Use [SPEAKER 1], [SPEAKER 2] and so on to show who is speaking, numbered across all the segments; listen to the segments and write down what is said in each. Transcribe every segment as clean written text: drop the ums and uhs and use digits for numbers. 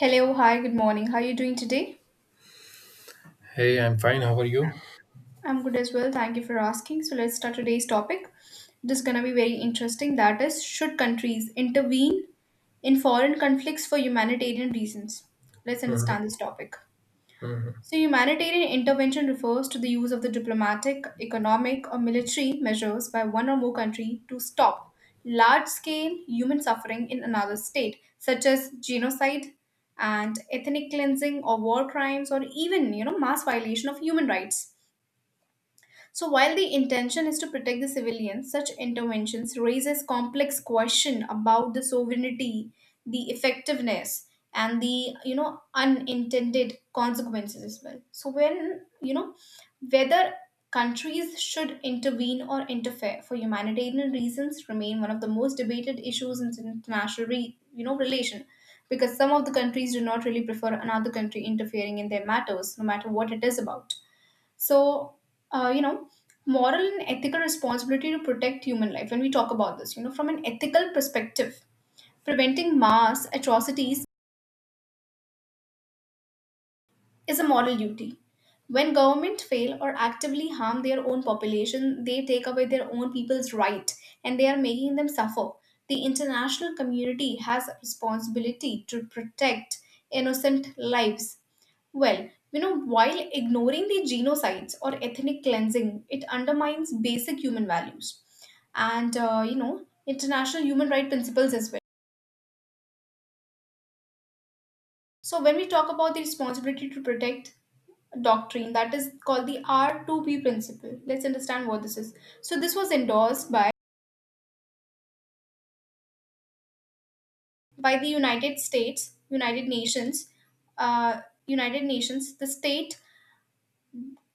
[SPEAKER 1] Hello, hi, good morning. How are you doing today?
[SPEAKER 2] Hey, I'm fine. How are you?
[SPEAKER 1] I'm good as well. Thank you for asking. So let's start today's topic. This is gonna be very interesting. That is, should countries intervene in foreign conflicts for humanitarian reasons? Let's understand this topic. So, humanitarian intervention refers to the use of the diplomatic, economic, or military measures by one or more country to stop large scale human suffering in another state, such as genocide and ethnic cleansing or war crimes, or even mass violation of human rights. So while the intention is to protect the civilians, such interventions raises complex question about the sovereignty, the effectiveness, and the unintended consequences as well. So when whether countries should intervene or interfere for humanitarian reasons remain one of the most debated issues in international relation, because some of the countries do not really prefer another country interfering in their matters no matter what it is about. So, uh, you know, moral and ethical responsibility to protect human life. When we talk about this, from an ethical perspective, preventing mass atrocities is a moral duty. When government fail or actively harm their own population, they take away their own people's right, and they are making them suffer. The international community has a responsibility to protect innocent lives. Well, while ignoring the genocides or ethnic cleansing, it undermines basic human values and, international human rights principles as well. So when we talk about the responsibility to protect doctrine, that is called the R2P principle. Let's understand what this is. So this was endorsed by the United States, United Nations, uh, United Nations. The state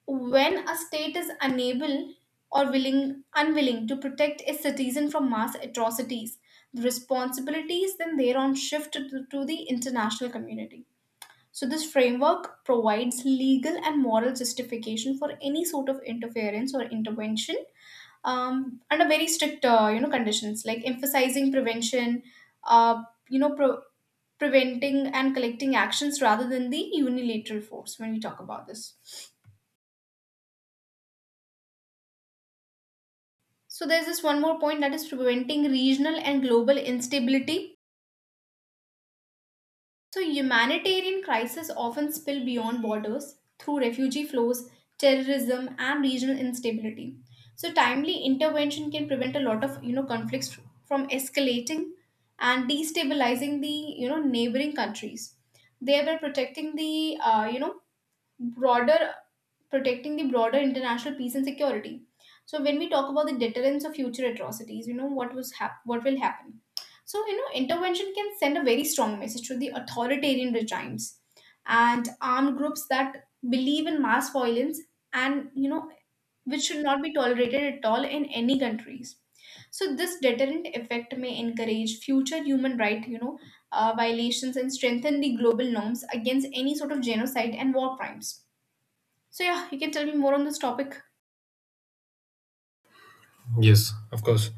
[SPEAKER 1] When a state is unable or willing unwilling to protect its citizen from mass atrocities, the responsibilities then thereon shift to the international community. So, this framework provides legal and moral justification for any sort of interference or intervention, under very strict, conditions like emphasizing prevention, uh, you know, pro- preventing and collecting actions rather than the unilateral force when we talk about this. So, there's this one more point, that is preventing regional and global instability. So, humanitarian crises often spill beyond borders through refugee flows, terrorism, and regional instability. So, timely intervention can prevent a lot of conflicts from escalating and destabilizing the neighboring countries, thereby broader protecting the broader international peace and security. So when we talk about the deterrence of future atrocities, you know what will happen. So intervention can send a very strong message to the authoritarian regimes and armed groups that believe in mass violence, and which should not be tolerated at all in any countries. So this deterrent effect may encourage future human right, violations, and strengthen the global norms against any sort of genocide and war crimes. So yeah, you can tell me more on this topic.
[SPEAKER 2] Yes, of course.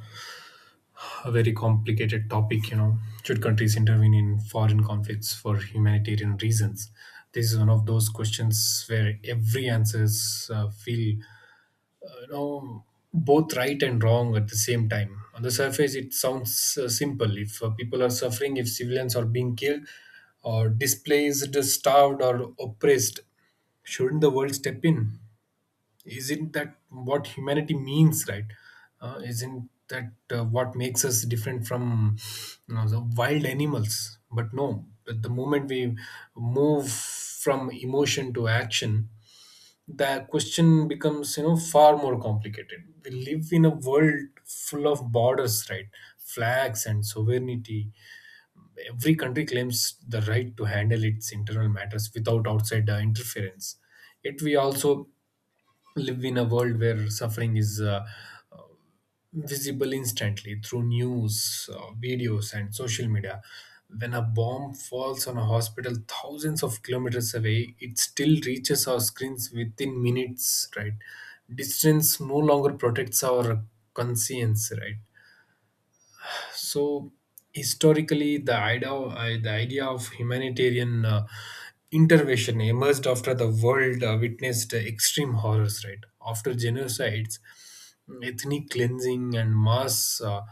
[SPEAKER 2] A very complicated topic, you know. Should countries intervene in foreign conflicts for humanitarian reasons? This is one of those questions where every answers feel, uh, you know, both right and wrong at the same time. On the surface, it sounds simple. If people are suffering, if civilians are being killed, or displaced, starved, or oppressed, shouldn't the world step in? Isn't that what humanity means, right? Isn't that what makes us different from you know, the wild animals? But no, but the moment we move from emotion to action, the question becomes you know far more complicated. We live in a world full of borders, right? Flags and sovereignty. Every country claims the right to handle its internal matters without outside interference. Yet we also live in a world where suffering is visible instantly through news, videos, and social media. When a bomb falls on a hospital thousands of kilometers away, it still reaches our screens within minutes, right? Distance no longer protects our conscience, right? So historically the idea of humanitarian intervention emerged after the world witnessed extreme horrors right after genocides, ethnic cleansing, and mass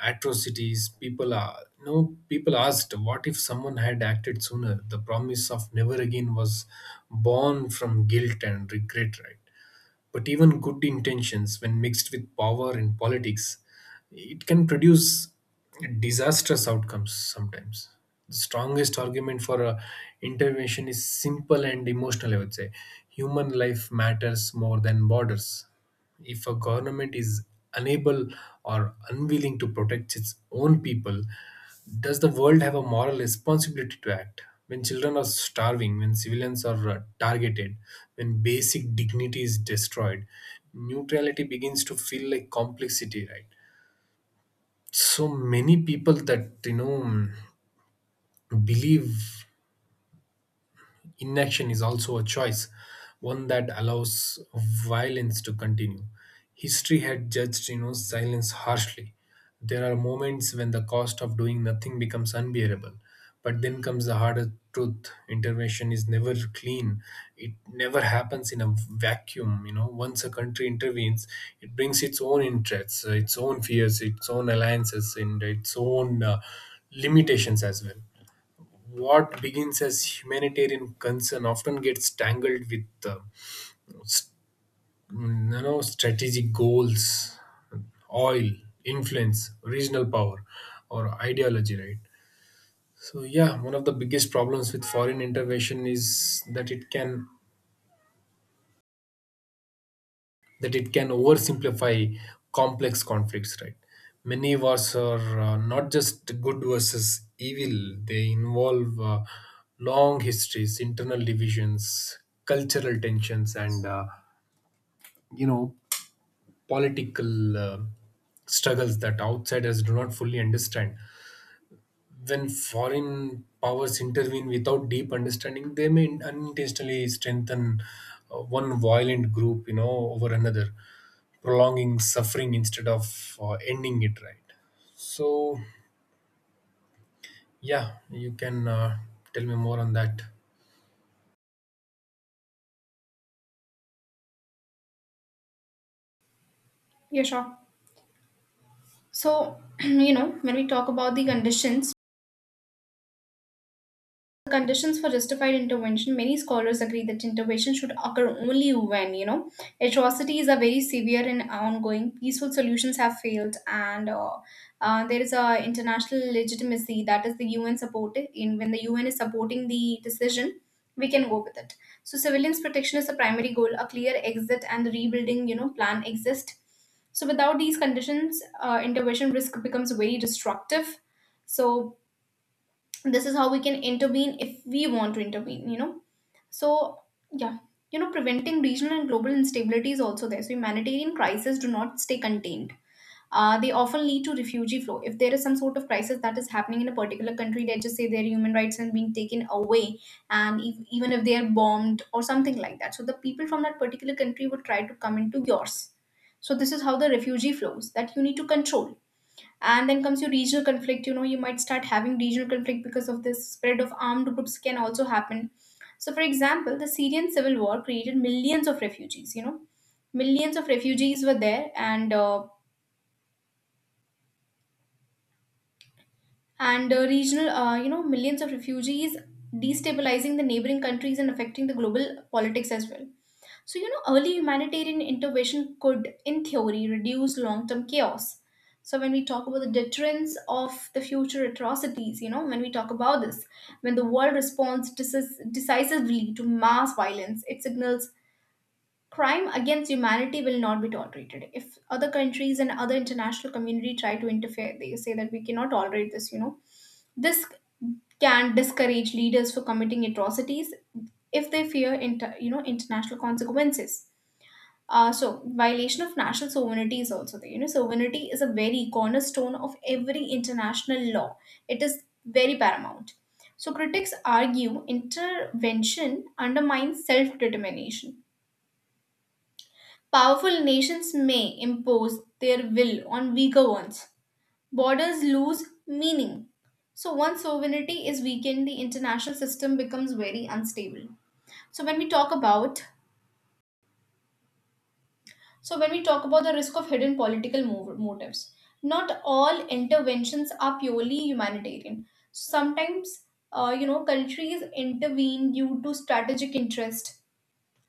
[SPEAKER 2] atrocities. People are no people asked, what if someone had acted sooner? The promise of never again was born from guilt and regret, right? But even good intentions, when mixed with power and politics, it can produce disastrous outcomes sometimes. The strongest argument for a intervention is simple and emotional, I would say. Human life matters more than borders. If a government is unable or unwilling to protect its own people, does the world have a moral responsibility to act? When children are starving, when civilians are targeted, when basic dignity is destroyed, neutrality begins to feel like complexity, right? So many people that you know believe inaction is also a choice, one that allows violence to continue. History had judged, you know, silence harshly. There are moments when the cost of doing nothing becomes unbearable. But then comes the harder truth. Intervention is never clean. It never happens in a vacuum. You know, once a country intervenes, it brings its own interests, its own fears, its own alliances, and its own limitations as well. What begins as humanitarian concern often gets tangled with s- you know, strategic goals, oil, influence, regional power, or ideology, right? So yeah, one of the biggest problems with foreign intervention is that it can oversimplify complex conflicts, right? Many wars are not just good versus evil. They involve long histories, internal divisions, cultural tensions, and you know, political struggles that outsiders do not fully understand. When foreign powers intervene without deep understanding, they may unintentionally strengthen one violent group, you know, over another, prolonging suffering instead of ending it. Right. So, yeah, you can tell me more on that.
[SPEAKER 1] Yeah, sure. So when we talk about the conditions, for justified intervention, many scholars agree that intervention should occur only when, atrocities are very severe and ongoing, peaceful solutions have failed, and there is a international legitimacy, that is the UN supported. In When the UN is supporting the decision, we can go with it. So civilians' protection is the primary goal. A clear exit and rebuilding, plan exist. So without these conditions, intervention risk becomes very destructive. So this is how we can intervene if we want to intervene, so yeah. Preventing regional and global instability is also there. So humanitarian crises do not stay contained. They often lead to refugee flow. If there is some sort of crisis that is happening in a particular country, let's just say their human rights are being taken away, and if, even if they are bombed or something like that, so the people from that particular country would try to come into yours. So this is how the refugee flows that you need to control. And then comes your regional conflict. You might start having regional conflict because of this, spread of armed groups can also happen. So, for example, the Syrian civil war created millions of refugees, millions of refugees were there, and regional, millions of refugees destabilizing the neighboring countries and affecting the global politics as well. So early humanitarian intervention could in theory reduce long-term chaos. So when we talk about the deterrence of the future atrocities, you know when we talk about this when the world responds decisively to mass violence, it signals crime against humanity will not be tolerated. If other countries and other international community try to interfere, they say that we cannot tolerate this. This can discourage leaders for committing atrocities if they fear international consequences. So violation of national sovereignty is also there. You know, sovereignty is a very cornerstone of every international law. It is very paramount. So critics argue intervention undermines self-determination. Powerful nations may impose their will on weaker ones. Borders lose meaning. So, once sovereignty is weakened, the international system becomes very unstable. So, when we talk about the risk of hidden political motives, not all interventions are purely humanitarian. Sometimes, countries intervene due to strategic interest,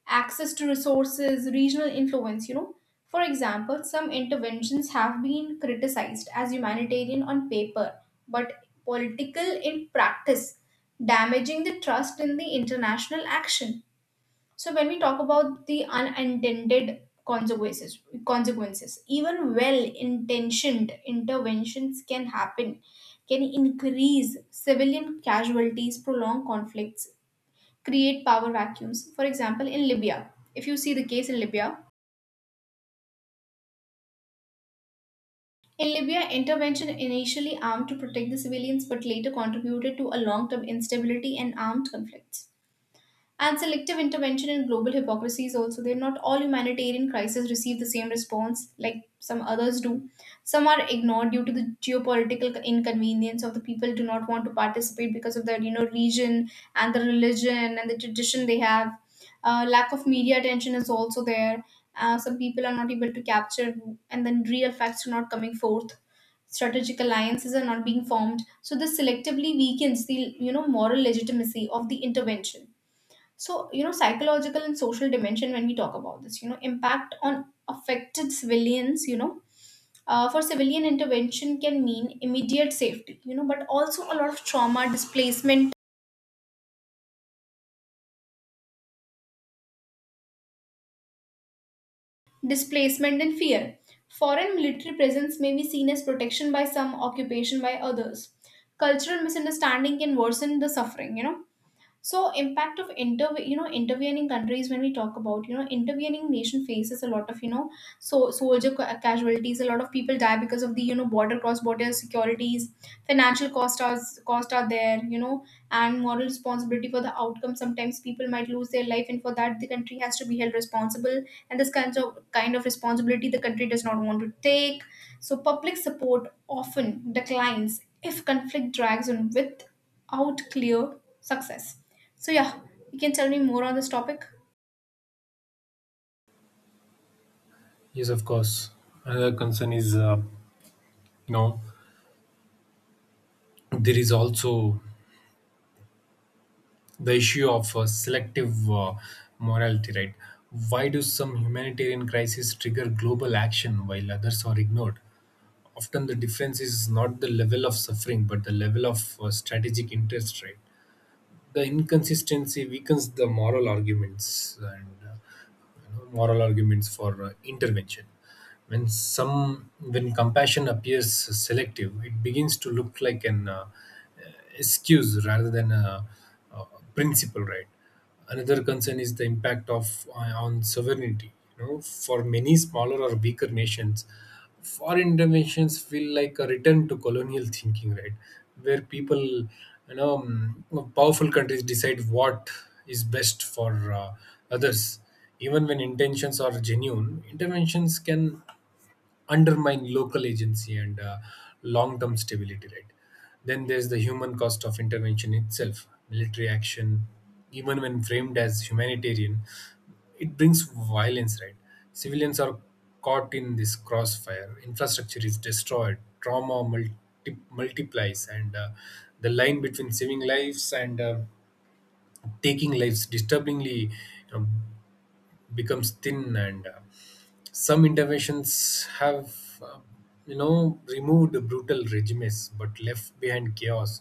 [SPEAKER 1] access to resources, regional influence. For example, some interventions have been criticized as humanitarian on paper, but political in practice, damaging the trust in the international action. So when we talk about the unintended consequences, even well-intentioned interventions can happen, can increase civilian casualties, prolong conflicts, create power vacuums. For example, in Libya, if you see the case in Libya, intervention initially aimed to protect the civilians but later contributed to a long term instability and armed conflicts. And selective intervention in global hypocrisies also. They're not all humanitarian crises receive the same response like some others do. Some are ignored due to the geopolitical inconvenience of the people do not want to participate because of their region and the religion and the tradition they have. Lack of media attention is also there. Some people are not able to capture, and then real facts are not coming forth. Strategic alliances are not being formed, so this selectively weakens the moral legitimacy of the intervention. So, psychological and social dimension when we talk about this, impact on affected civilians, for civilian intervention can mean immediate safety, but also a lot of trauma, displacement, and fear. Foreign military presence may be seen as protection by some, occupation by others. Cultural misunderstanding can worsen the suffering. So impact of intervening countries, when we talk about, intervening nation faces a lot of, so soldier casualties. A lot of people die because of the, border cross border securities. Financial cost are there, and moral responsibility for the outcome. Sometimes people might lose their life, and for that the country has to be held responsible. And this kind of responsibility the country does not want to take. So public support often declines if conflict drags on without clear success. So yeah, you can tell me more on this topic.
[SPEAKER 2] Yes, of course. Another concern is, you know, there is also the issue of selective morality, right? Why do some humanitarian crises trigger global action while others are ignored? Often the difference is not the level of suffering but the level of strategic interest, right? The inconsistency weakens the moral arguments and moral arguments for intervention. When compassion appears selective, it begins to look like an excuse rather than a principle, right? Another concern is the impact of on sovereignty. You know, for many smaller or weaker nations, foreign interventions feel like a return to colonial thinking, right? Where people you know powerful countries decide what is best for others. Even when intentions are genuine, interventions can undermine local agency and long-term stability, right? Then there's the human cost of intervention itself. Military action, even when framed as humanitarian, it brings violence, right? Civilians are caught in this crossfire, infrastructure is destroyed, trauma multiplies, and the line between saving lives and taking lives disturbingly, you know, becomes thin. And some interventions have you know, removed brutal regimes but left behind chaos.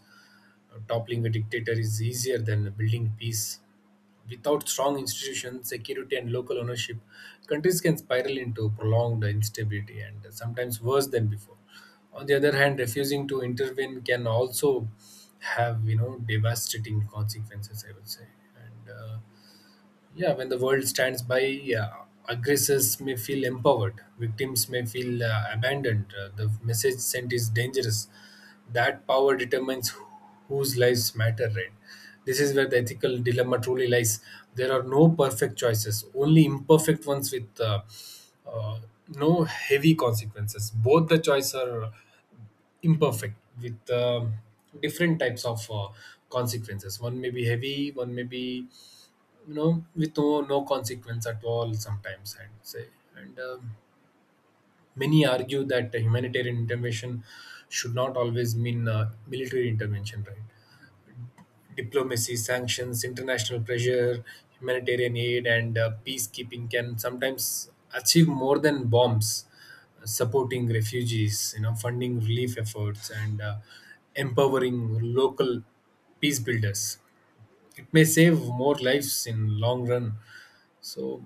[SPEAKER 2] Toppling a dictator is easier than building peace. Without strong institutions, security, and local ownership, countries can spiral into prolonged instability and sometimes worse than before. On the other hand, refusing to intervene can also have you know devastating consequences, I would say. And yeah, when the world stands by, aggressors may feel empowered, victims may feel abandoned. The message sent is dangerous. That power determines whose lives matter, right? This is where the ethical dilemma truly lies. There are no perfect choices, only imperfect ones with uh, no heavy consequences. Both the choices are imperfect with different types of consequences. One may be heavy, one may be you know with no, no consequence at all sometimes, I'd say. And many argue that humanitarian intervention should not always mean military intervention, right? Diplomacy, sanctions, international pressure, humanitarian aid, and peacekeeping can sometimes achieve more than bombs. Uh, supporting refugees, you know, funding relief efforts, and empowering local peace builders, it may save more lives in long run. So,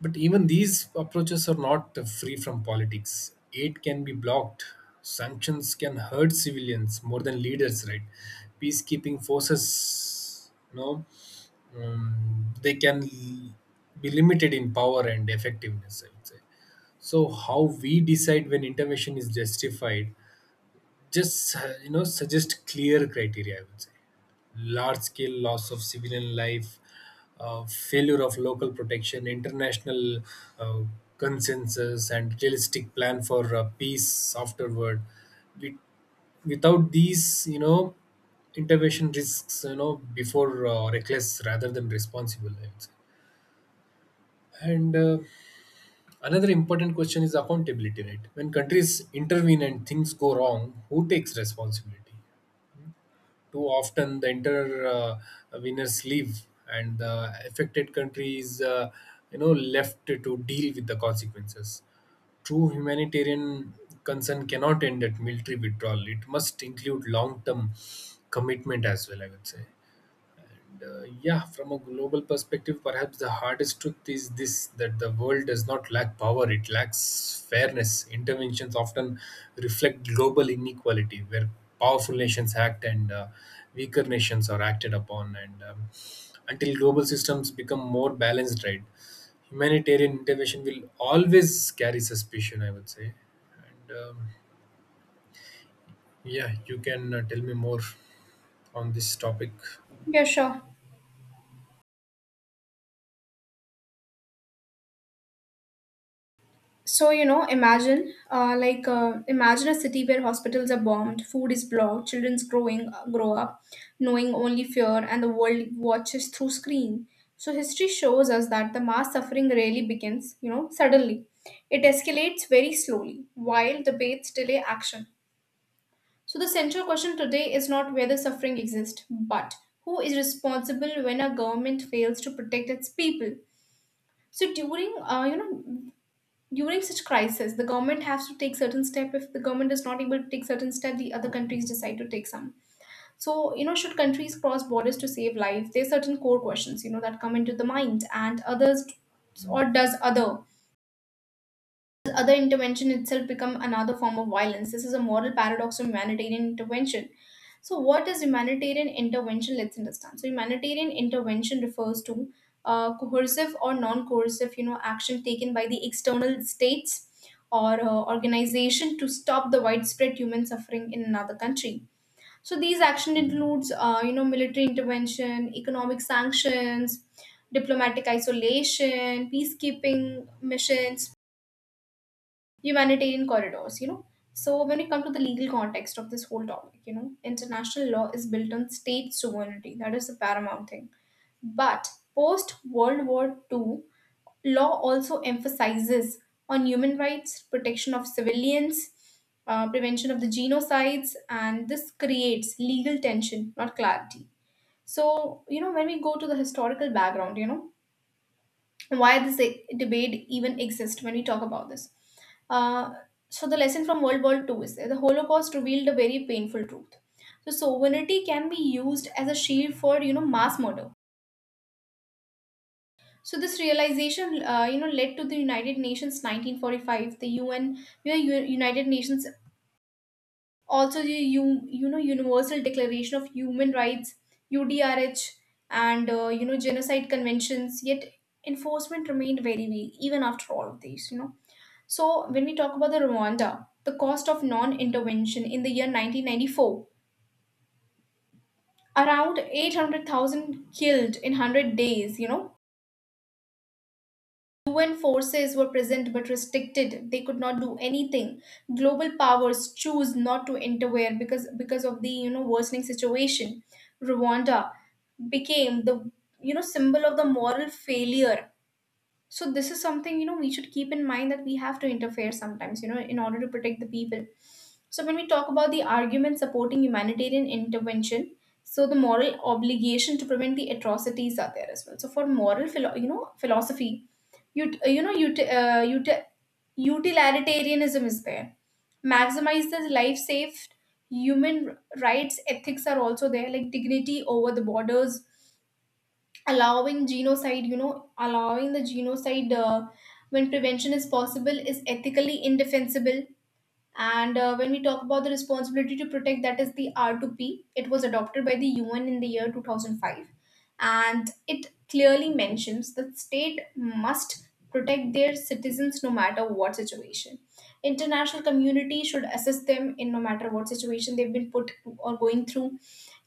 [SPEAKER 2] but even these approaches are not free from politics. Aid can be blocked. Sanctions can hurt civilians more than leaders, right? Peacekeeping forces, you know, they can be limited in power and effectiveness, I would say. So, how we decide when intervention is justified, just, you know, suggest clear criteria, I would say. Large scale loss of civilian life, failure of local protection, international uh, consensus, and realistic plan for peace afterward. With, without these, you know, intervention risks, you know, before reckless rather than responsible. I would say. And another important question is accountability, right? When countries intervene and things go wrong, who takes responsibility? Too often, the inter winners leave, and the affected country is, you know, left to deal with the consequences. True humanitarian concern cannot end at military withdrawal. It must include long-term commitment as well. I would say yeah, from a global perspective, perhaps the hardest truth is this, that the world does not lack power, it lacks fairness. Interventions often reflect global inequality, where powerful nations act and weaker nations are acted upon. And until global systems become more balanced, right, humanitarian intervention will always carry suspicion, I would say. And yeah, you can tell me more on this topic.
[SPEAKER 1] Yeah, sure. So, imagine, imagine a city where hospitals are bombed, food is blocked, children's grow up knowing only fear, and the world watches through screen. So, history shows us that the mass suffering rarely begins, suddenly. It escalates very slowly, while debates delay action. So, the central question today is not whether suffering exists, but who is responsible when a government fails to protect its people. So during such crisis, the government has to take certain step. If the government is not able to take certain step, the other countries decide to take some. So, should countries cross borders to save life? There are certain core questions, that come into the mind, and others, or does other? Other intervention itself become another form of violence. This is a moral paradox of humanitarian intervention. So, what is humanitarian intervention? Let's understand. So, humanitarian intervention refers to coercive or non-coercive, action taken by the external states or organization to stop the widespread human suffering in another country. So, these action includes, military intervention, economic sanctions, diplomatic isolation, peacekeeping missions, humanitarian corridors. So, when we come to the legal context of this whole topic, international law is built on state sovereignty. That is the paramount thing. But post World War Two, law also emphasizes on human rights, protection of civilians, prevention of the genocides, and this creates legal tension, not clarity. So, you know, when we go to the historical background, you know, why debate even exists when we talk about this. Uh, so the lesson from World War Two is that the Holocaust revealed a very painful truth. So sovereignty can be used as a shield for, you know, mass murder. So this realization, you know, led to the United Nations 1945, the UN, you know, United Nations, also you know, universal declaration of human rights, udrh, and you know, genocide conventions, yet enforcement remained very weak even after all of these, you know. So when we talk about the Rwanda, the cost of non-intervention in the year 1994, around 800,000 killed in 100 days, you know, UN forces were present but restricted. They could not do anything. Global powers choose not to interfere because of the, you know, worsening situation. Rwanda became the, you know, symbol of the moral failure. So this is something, you know, we should keep in mind, that we have to interfere sometimes, you know, in order to protect the people. So, when we talk about the argument supporting humanitarian intervention, so the moral obligation to prevent the atrocities are there as well. So, for moral, you know, philosophy, ut- uh, you know, ut- uh, ut- utilitarianism is there. Maximize the life saved. Human rights ethics are also there, like dignity over the borders, allowing genocide. You know, allowing the genocide, when prevention is possible is ethically indefensible. And when we talk about the responsibility to protect, that is the R2P. It was adopted by the UN in the year 2005. And it clearly mentions that state must protect their citizens no matter what situation. International community should assist them in no matter what situation they've been put or going through.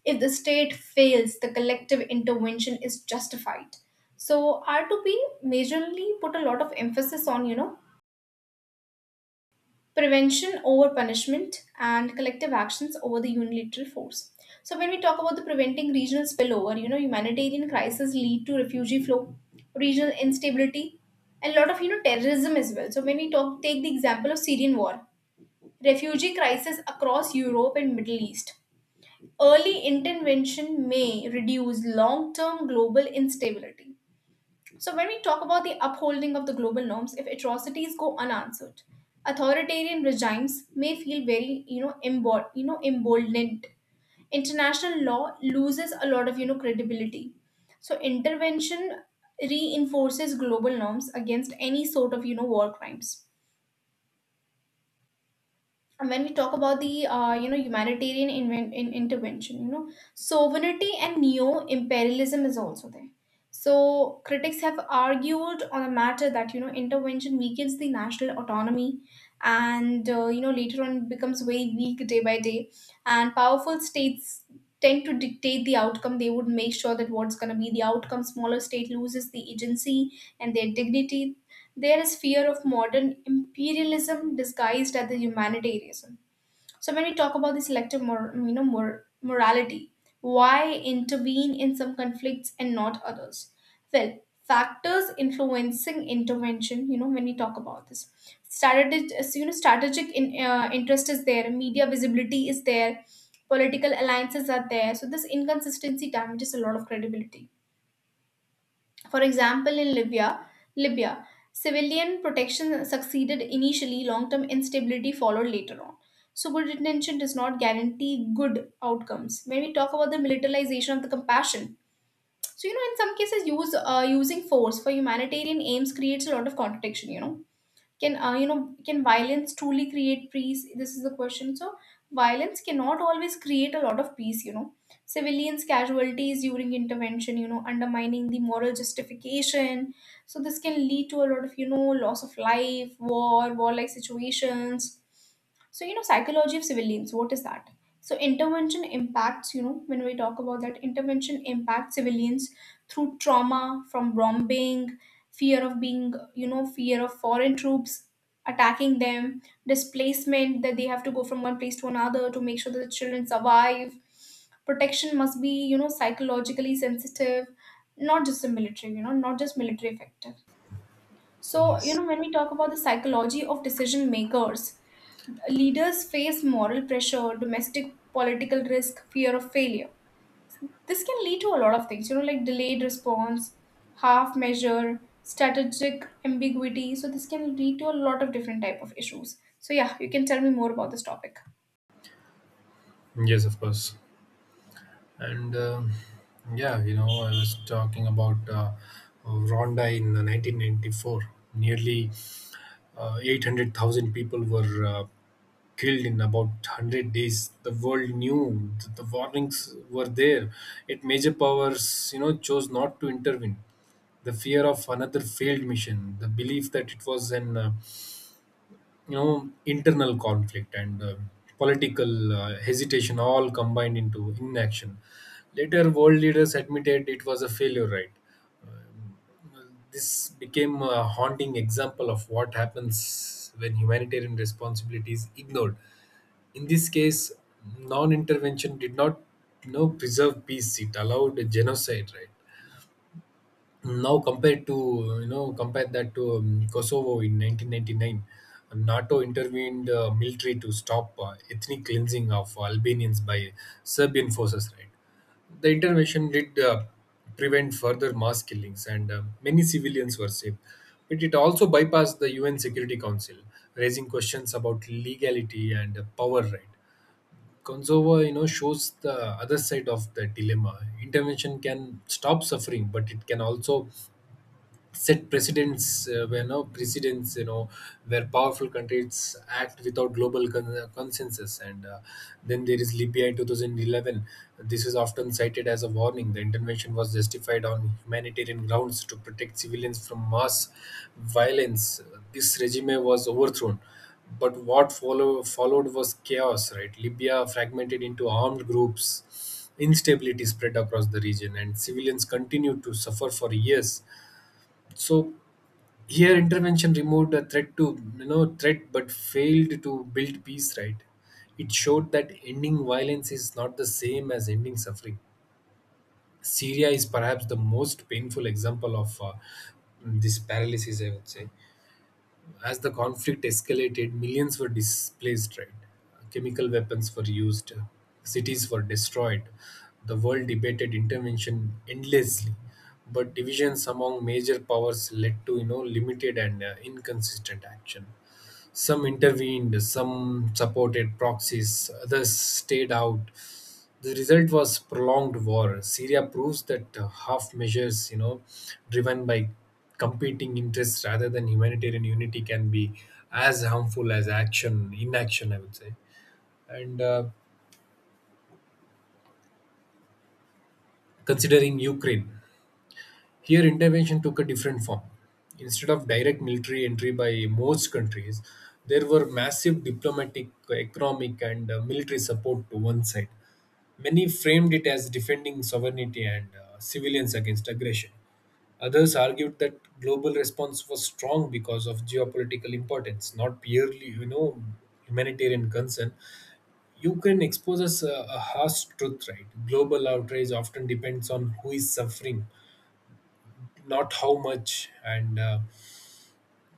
[SPEAKER 1] If the state fails, the collective intervention is justified. So R2P majorly put a lot of emphasis on, you know, prevention over punishment and collective actions over the unilateral force. So when we talk about the preventing regional spillover, you know, humanitarian crises lead to refugee flow, regional instability, and a lot of, you know, terrorism as well. So when we talk take the example of Syrian war, refugee crisis across Europe and Middle East, early intervention may reduce long term global instability. So, when we talk about the upholding of the global norms, if atrocities go unanswered, authoritarian regimes may feel very, you know, you know, emboldened. International law loses a lot of, you know, credibility. So, intervention reinforces global norms against any sort of, you know, war crimes. And when we talk about the you know, humanitarian inven- in intervention, you know, sovereignty and neo imperialism is also there. So critics have argued on the matter that, you know, intervention weakens the national autonomy, and you know, later on it becomes very weak day by day. And powerful states tend to dictate the outcome. They would make sure that what's going to be the outcome. Smaller state loses the agency and their dignity. There is fear of modern imperialism disguised as the humanitarianism. So when we talk about the selective morality, why intervene in some conflicts and not others? Well, factors influencing intervention, you know, when we talk about this. Strategic, so, you know, strategic interest is there, media visibility is there, political alliances are there. So this inconsistency damages a lot of credibility. For example, in Libya, civilian protection succeeded initially, long-term instability followed later on. So good intention does not guarantee good outcomes. When we talk about the militarization of the compassion, so, you know, in some cases, use using force for humanitarian aims creates a lot of contradiction. You know, can you know, can violence truly create peace? This is the question. So violence cannot always create a lot of peace, you know. Civilians casualties during intervention, you know, undermining the moral justification. So this can lead to a lot of, you know, loss of life, warlike situations. So, you know, psychology of civilians, what is that? So, intervention impacts, you know, when we talk about that, intervention impacts civilians through trauma from bombing, fear of being, you know, fear of foreign troops attacking them, displacement, that they have to go from one place to another to make sure that the children survive. Protection must be, you know, psychologically sensitive, not just the military, you know, not just military effective. So, you
[SPEAKER 2] Yes.
[SPEAKER 1] know, when we talk about the psychology of decision makers, leaders face moral pressure, domestic political risk, fear of failure. This can lead to a lot of things, you know, like delayed response, half measure, strategic ambiguity. So this can lead to a lot of different type of issues. So yeah, you can tell me more about this topic.
[SPEAKER 2] Yes, of course. And yeah, you know, I was talking about Rwanda in 1994. Nearly 800,000 people were killed in about 100 days. The world knew that the warnings were there. Yet major powers, you know, chose not to intervene. The fear of another failed mission, the belief that it was an you know, internal conflict, and political hesitation, all combined into inaction. Later world leaders admitted it was a failure, right? This became a haunting example of what happens when humanitarian responsibility is ignored. In this case, non-intervention did not you know preserve peace, it allowed genocide, right? Now compared to, you know, compare that to Kosovo in 1999. NATO intervened military to stop ethnic cleansing of Albanians by Serbian forces, right? The intervention did prevent further mass killings, and many civilians were saved. But it also bypassed the UN Security Council, raising questions about legality and power, right? Kosovo, you know, shows the other side of the dilemma. Intervention can stop suffering, but it can also set precedents where no precedents, you know, where powerful countries act without global consensus. And then there is Libya in 2011. This is often cited as a warning. The intervention was justified on humanitarian grounds to protect civilians from mass violence. This regime was overthrown, but what followed was chaos, right? Libya fragmented into armed groups, instability spread across the region, and civilians continued to suffer for years. So here, intervention removed a threat, but failed to build peace. Right? It showed that ending violence is not the same as ending suffering. Syria is perhaps the most painful example of this paralysis. I would say. As the conflict escalated, millions were displaced, right? Chemical weapons were used, cities were destroyed. The world debated intervention endlessly, but divisions among major powers led to you know limited and inconsistent action. Some intervened, some supported proxies, others stayed out. The result was prolonged war. Syria proves that half measures, you know, driven by competing interests rather than humanitarian unity, can be as harmful as inaction, I would say. And considering Ukraine, here intervention took a different form. Instead of direct military entry by most countries, there were massive diplomatic, economic, and military support to one side. Many framed it as defending sovereignty and civilians against aggression. Others argued that global response was strong because of geopolitical importance, not purely, you know, humanitarian concern. Ukraine exposes a harsh truth, right? Global outrage often depends on who is suffering, not how much. And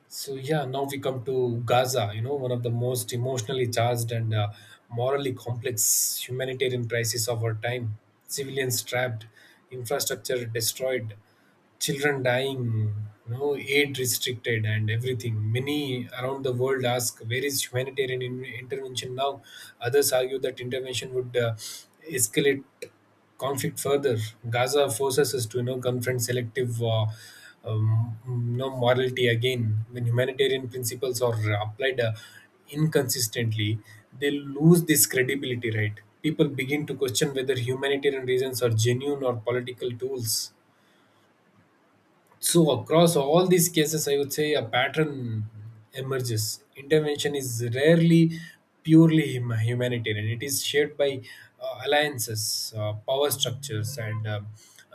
[SPEAKER 2] so, yeah, now we come to Gaza, you know, one of the most emotionally charged and morally complex humanitarian crisis of our time. Civilians trapped, infrastructure destroyed, children dying, you know, aid restricted and everything. Many around the world ask, where is humanitarian intervention now? Others argue that intervention would escalate conflict further. Gaza forces us to, you know, confront selective you know, morality again. When humanitarian principles are applied inconsistently, they lose this credibility, right? People begin to question whether humanitarian reasons are genuine or political tools. So, across all these cases, I would say a pattern emerges. Intervention is rarely purely humanitarian, it is shaped by alliances, power structures, and uh,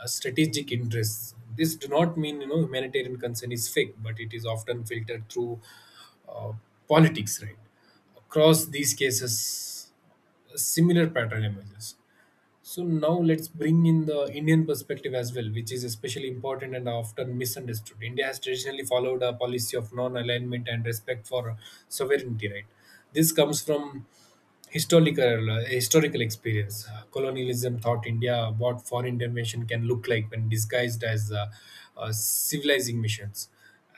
[SPEAKER 2] uh, strategic interests. This do not mean, you know, humanitarian concern is fake, but it is often filtered through uh, politics, right? Across these cases, a similar pattern emerges. So now let's bring in the Indian perspective as well, which is especially important and often misunderstood. India has traditionally followed a policy of non-alignment and respect for sovereignty, right? This comes from historical experience. Colonialism taught India what foreign intervention can look like when disguised as civilizing missions.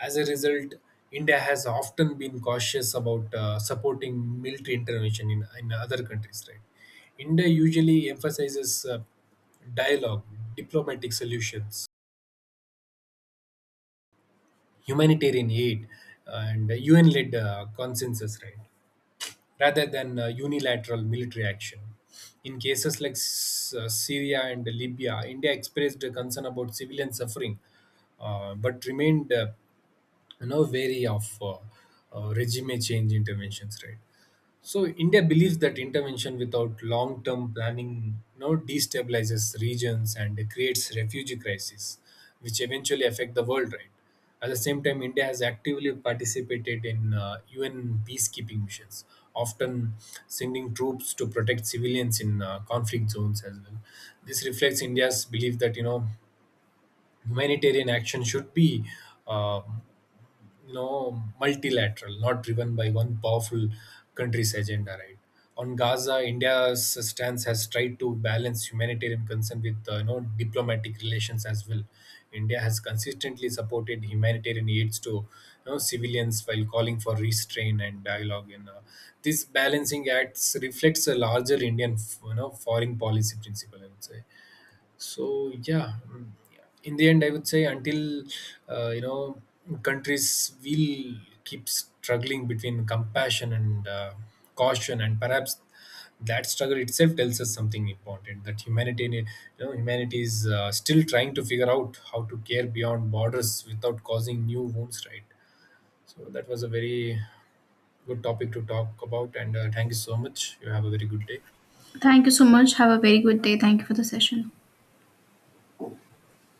[SPEAKER 2] As a result, India has often been cautious about supporting military intervention in other countries, right? India usually emphasizes dialogue, diplomatic solutions, humanitarian aid, and UN led consensus, right, rather than unilateral military action. In cases like Syria and Libya, India expressed a concern about civilian suffering, but remained, you know, wary of regime change interventions, right? So India believes that intervention without long-term planning now destabilizes regions and creates refugee crises, which eventually affect the world. Right. At the same time, India has actively participated in UN peacekeeping missions, often sending troops to protect civilians in conflict zones as well. This reflects India's belief that, you know, humanitarian action should be, uh, you know, multilateral, not driven by one powerful country's agenda, right. On Gaza, India's stance has tried to balance humanitarian concern with, you know, diplomatic relations as well. India has consistently supported humanitarian aids to, you know, civilians, while calling for restraint and dialogue. And this balancing acts reflects a larger Indian you know, foreign policy principle, I would say. So yeah, mm, in the end, I would say, until, you know, countries will keep struggling between compassion and caution, and perhaps that struggle itself tells us something important. That humanity is, still trying to figure out how to care beyond borders without causing new wounds, right? So that was a very good topic to talk about, and thank you so much. You have a very good day.
[SPEAKER 1] Thank you so much. Have a very good day. Thank you for the session.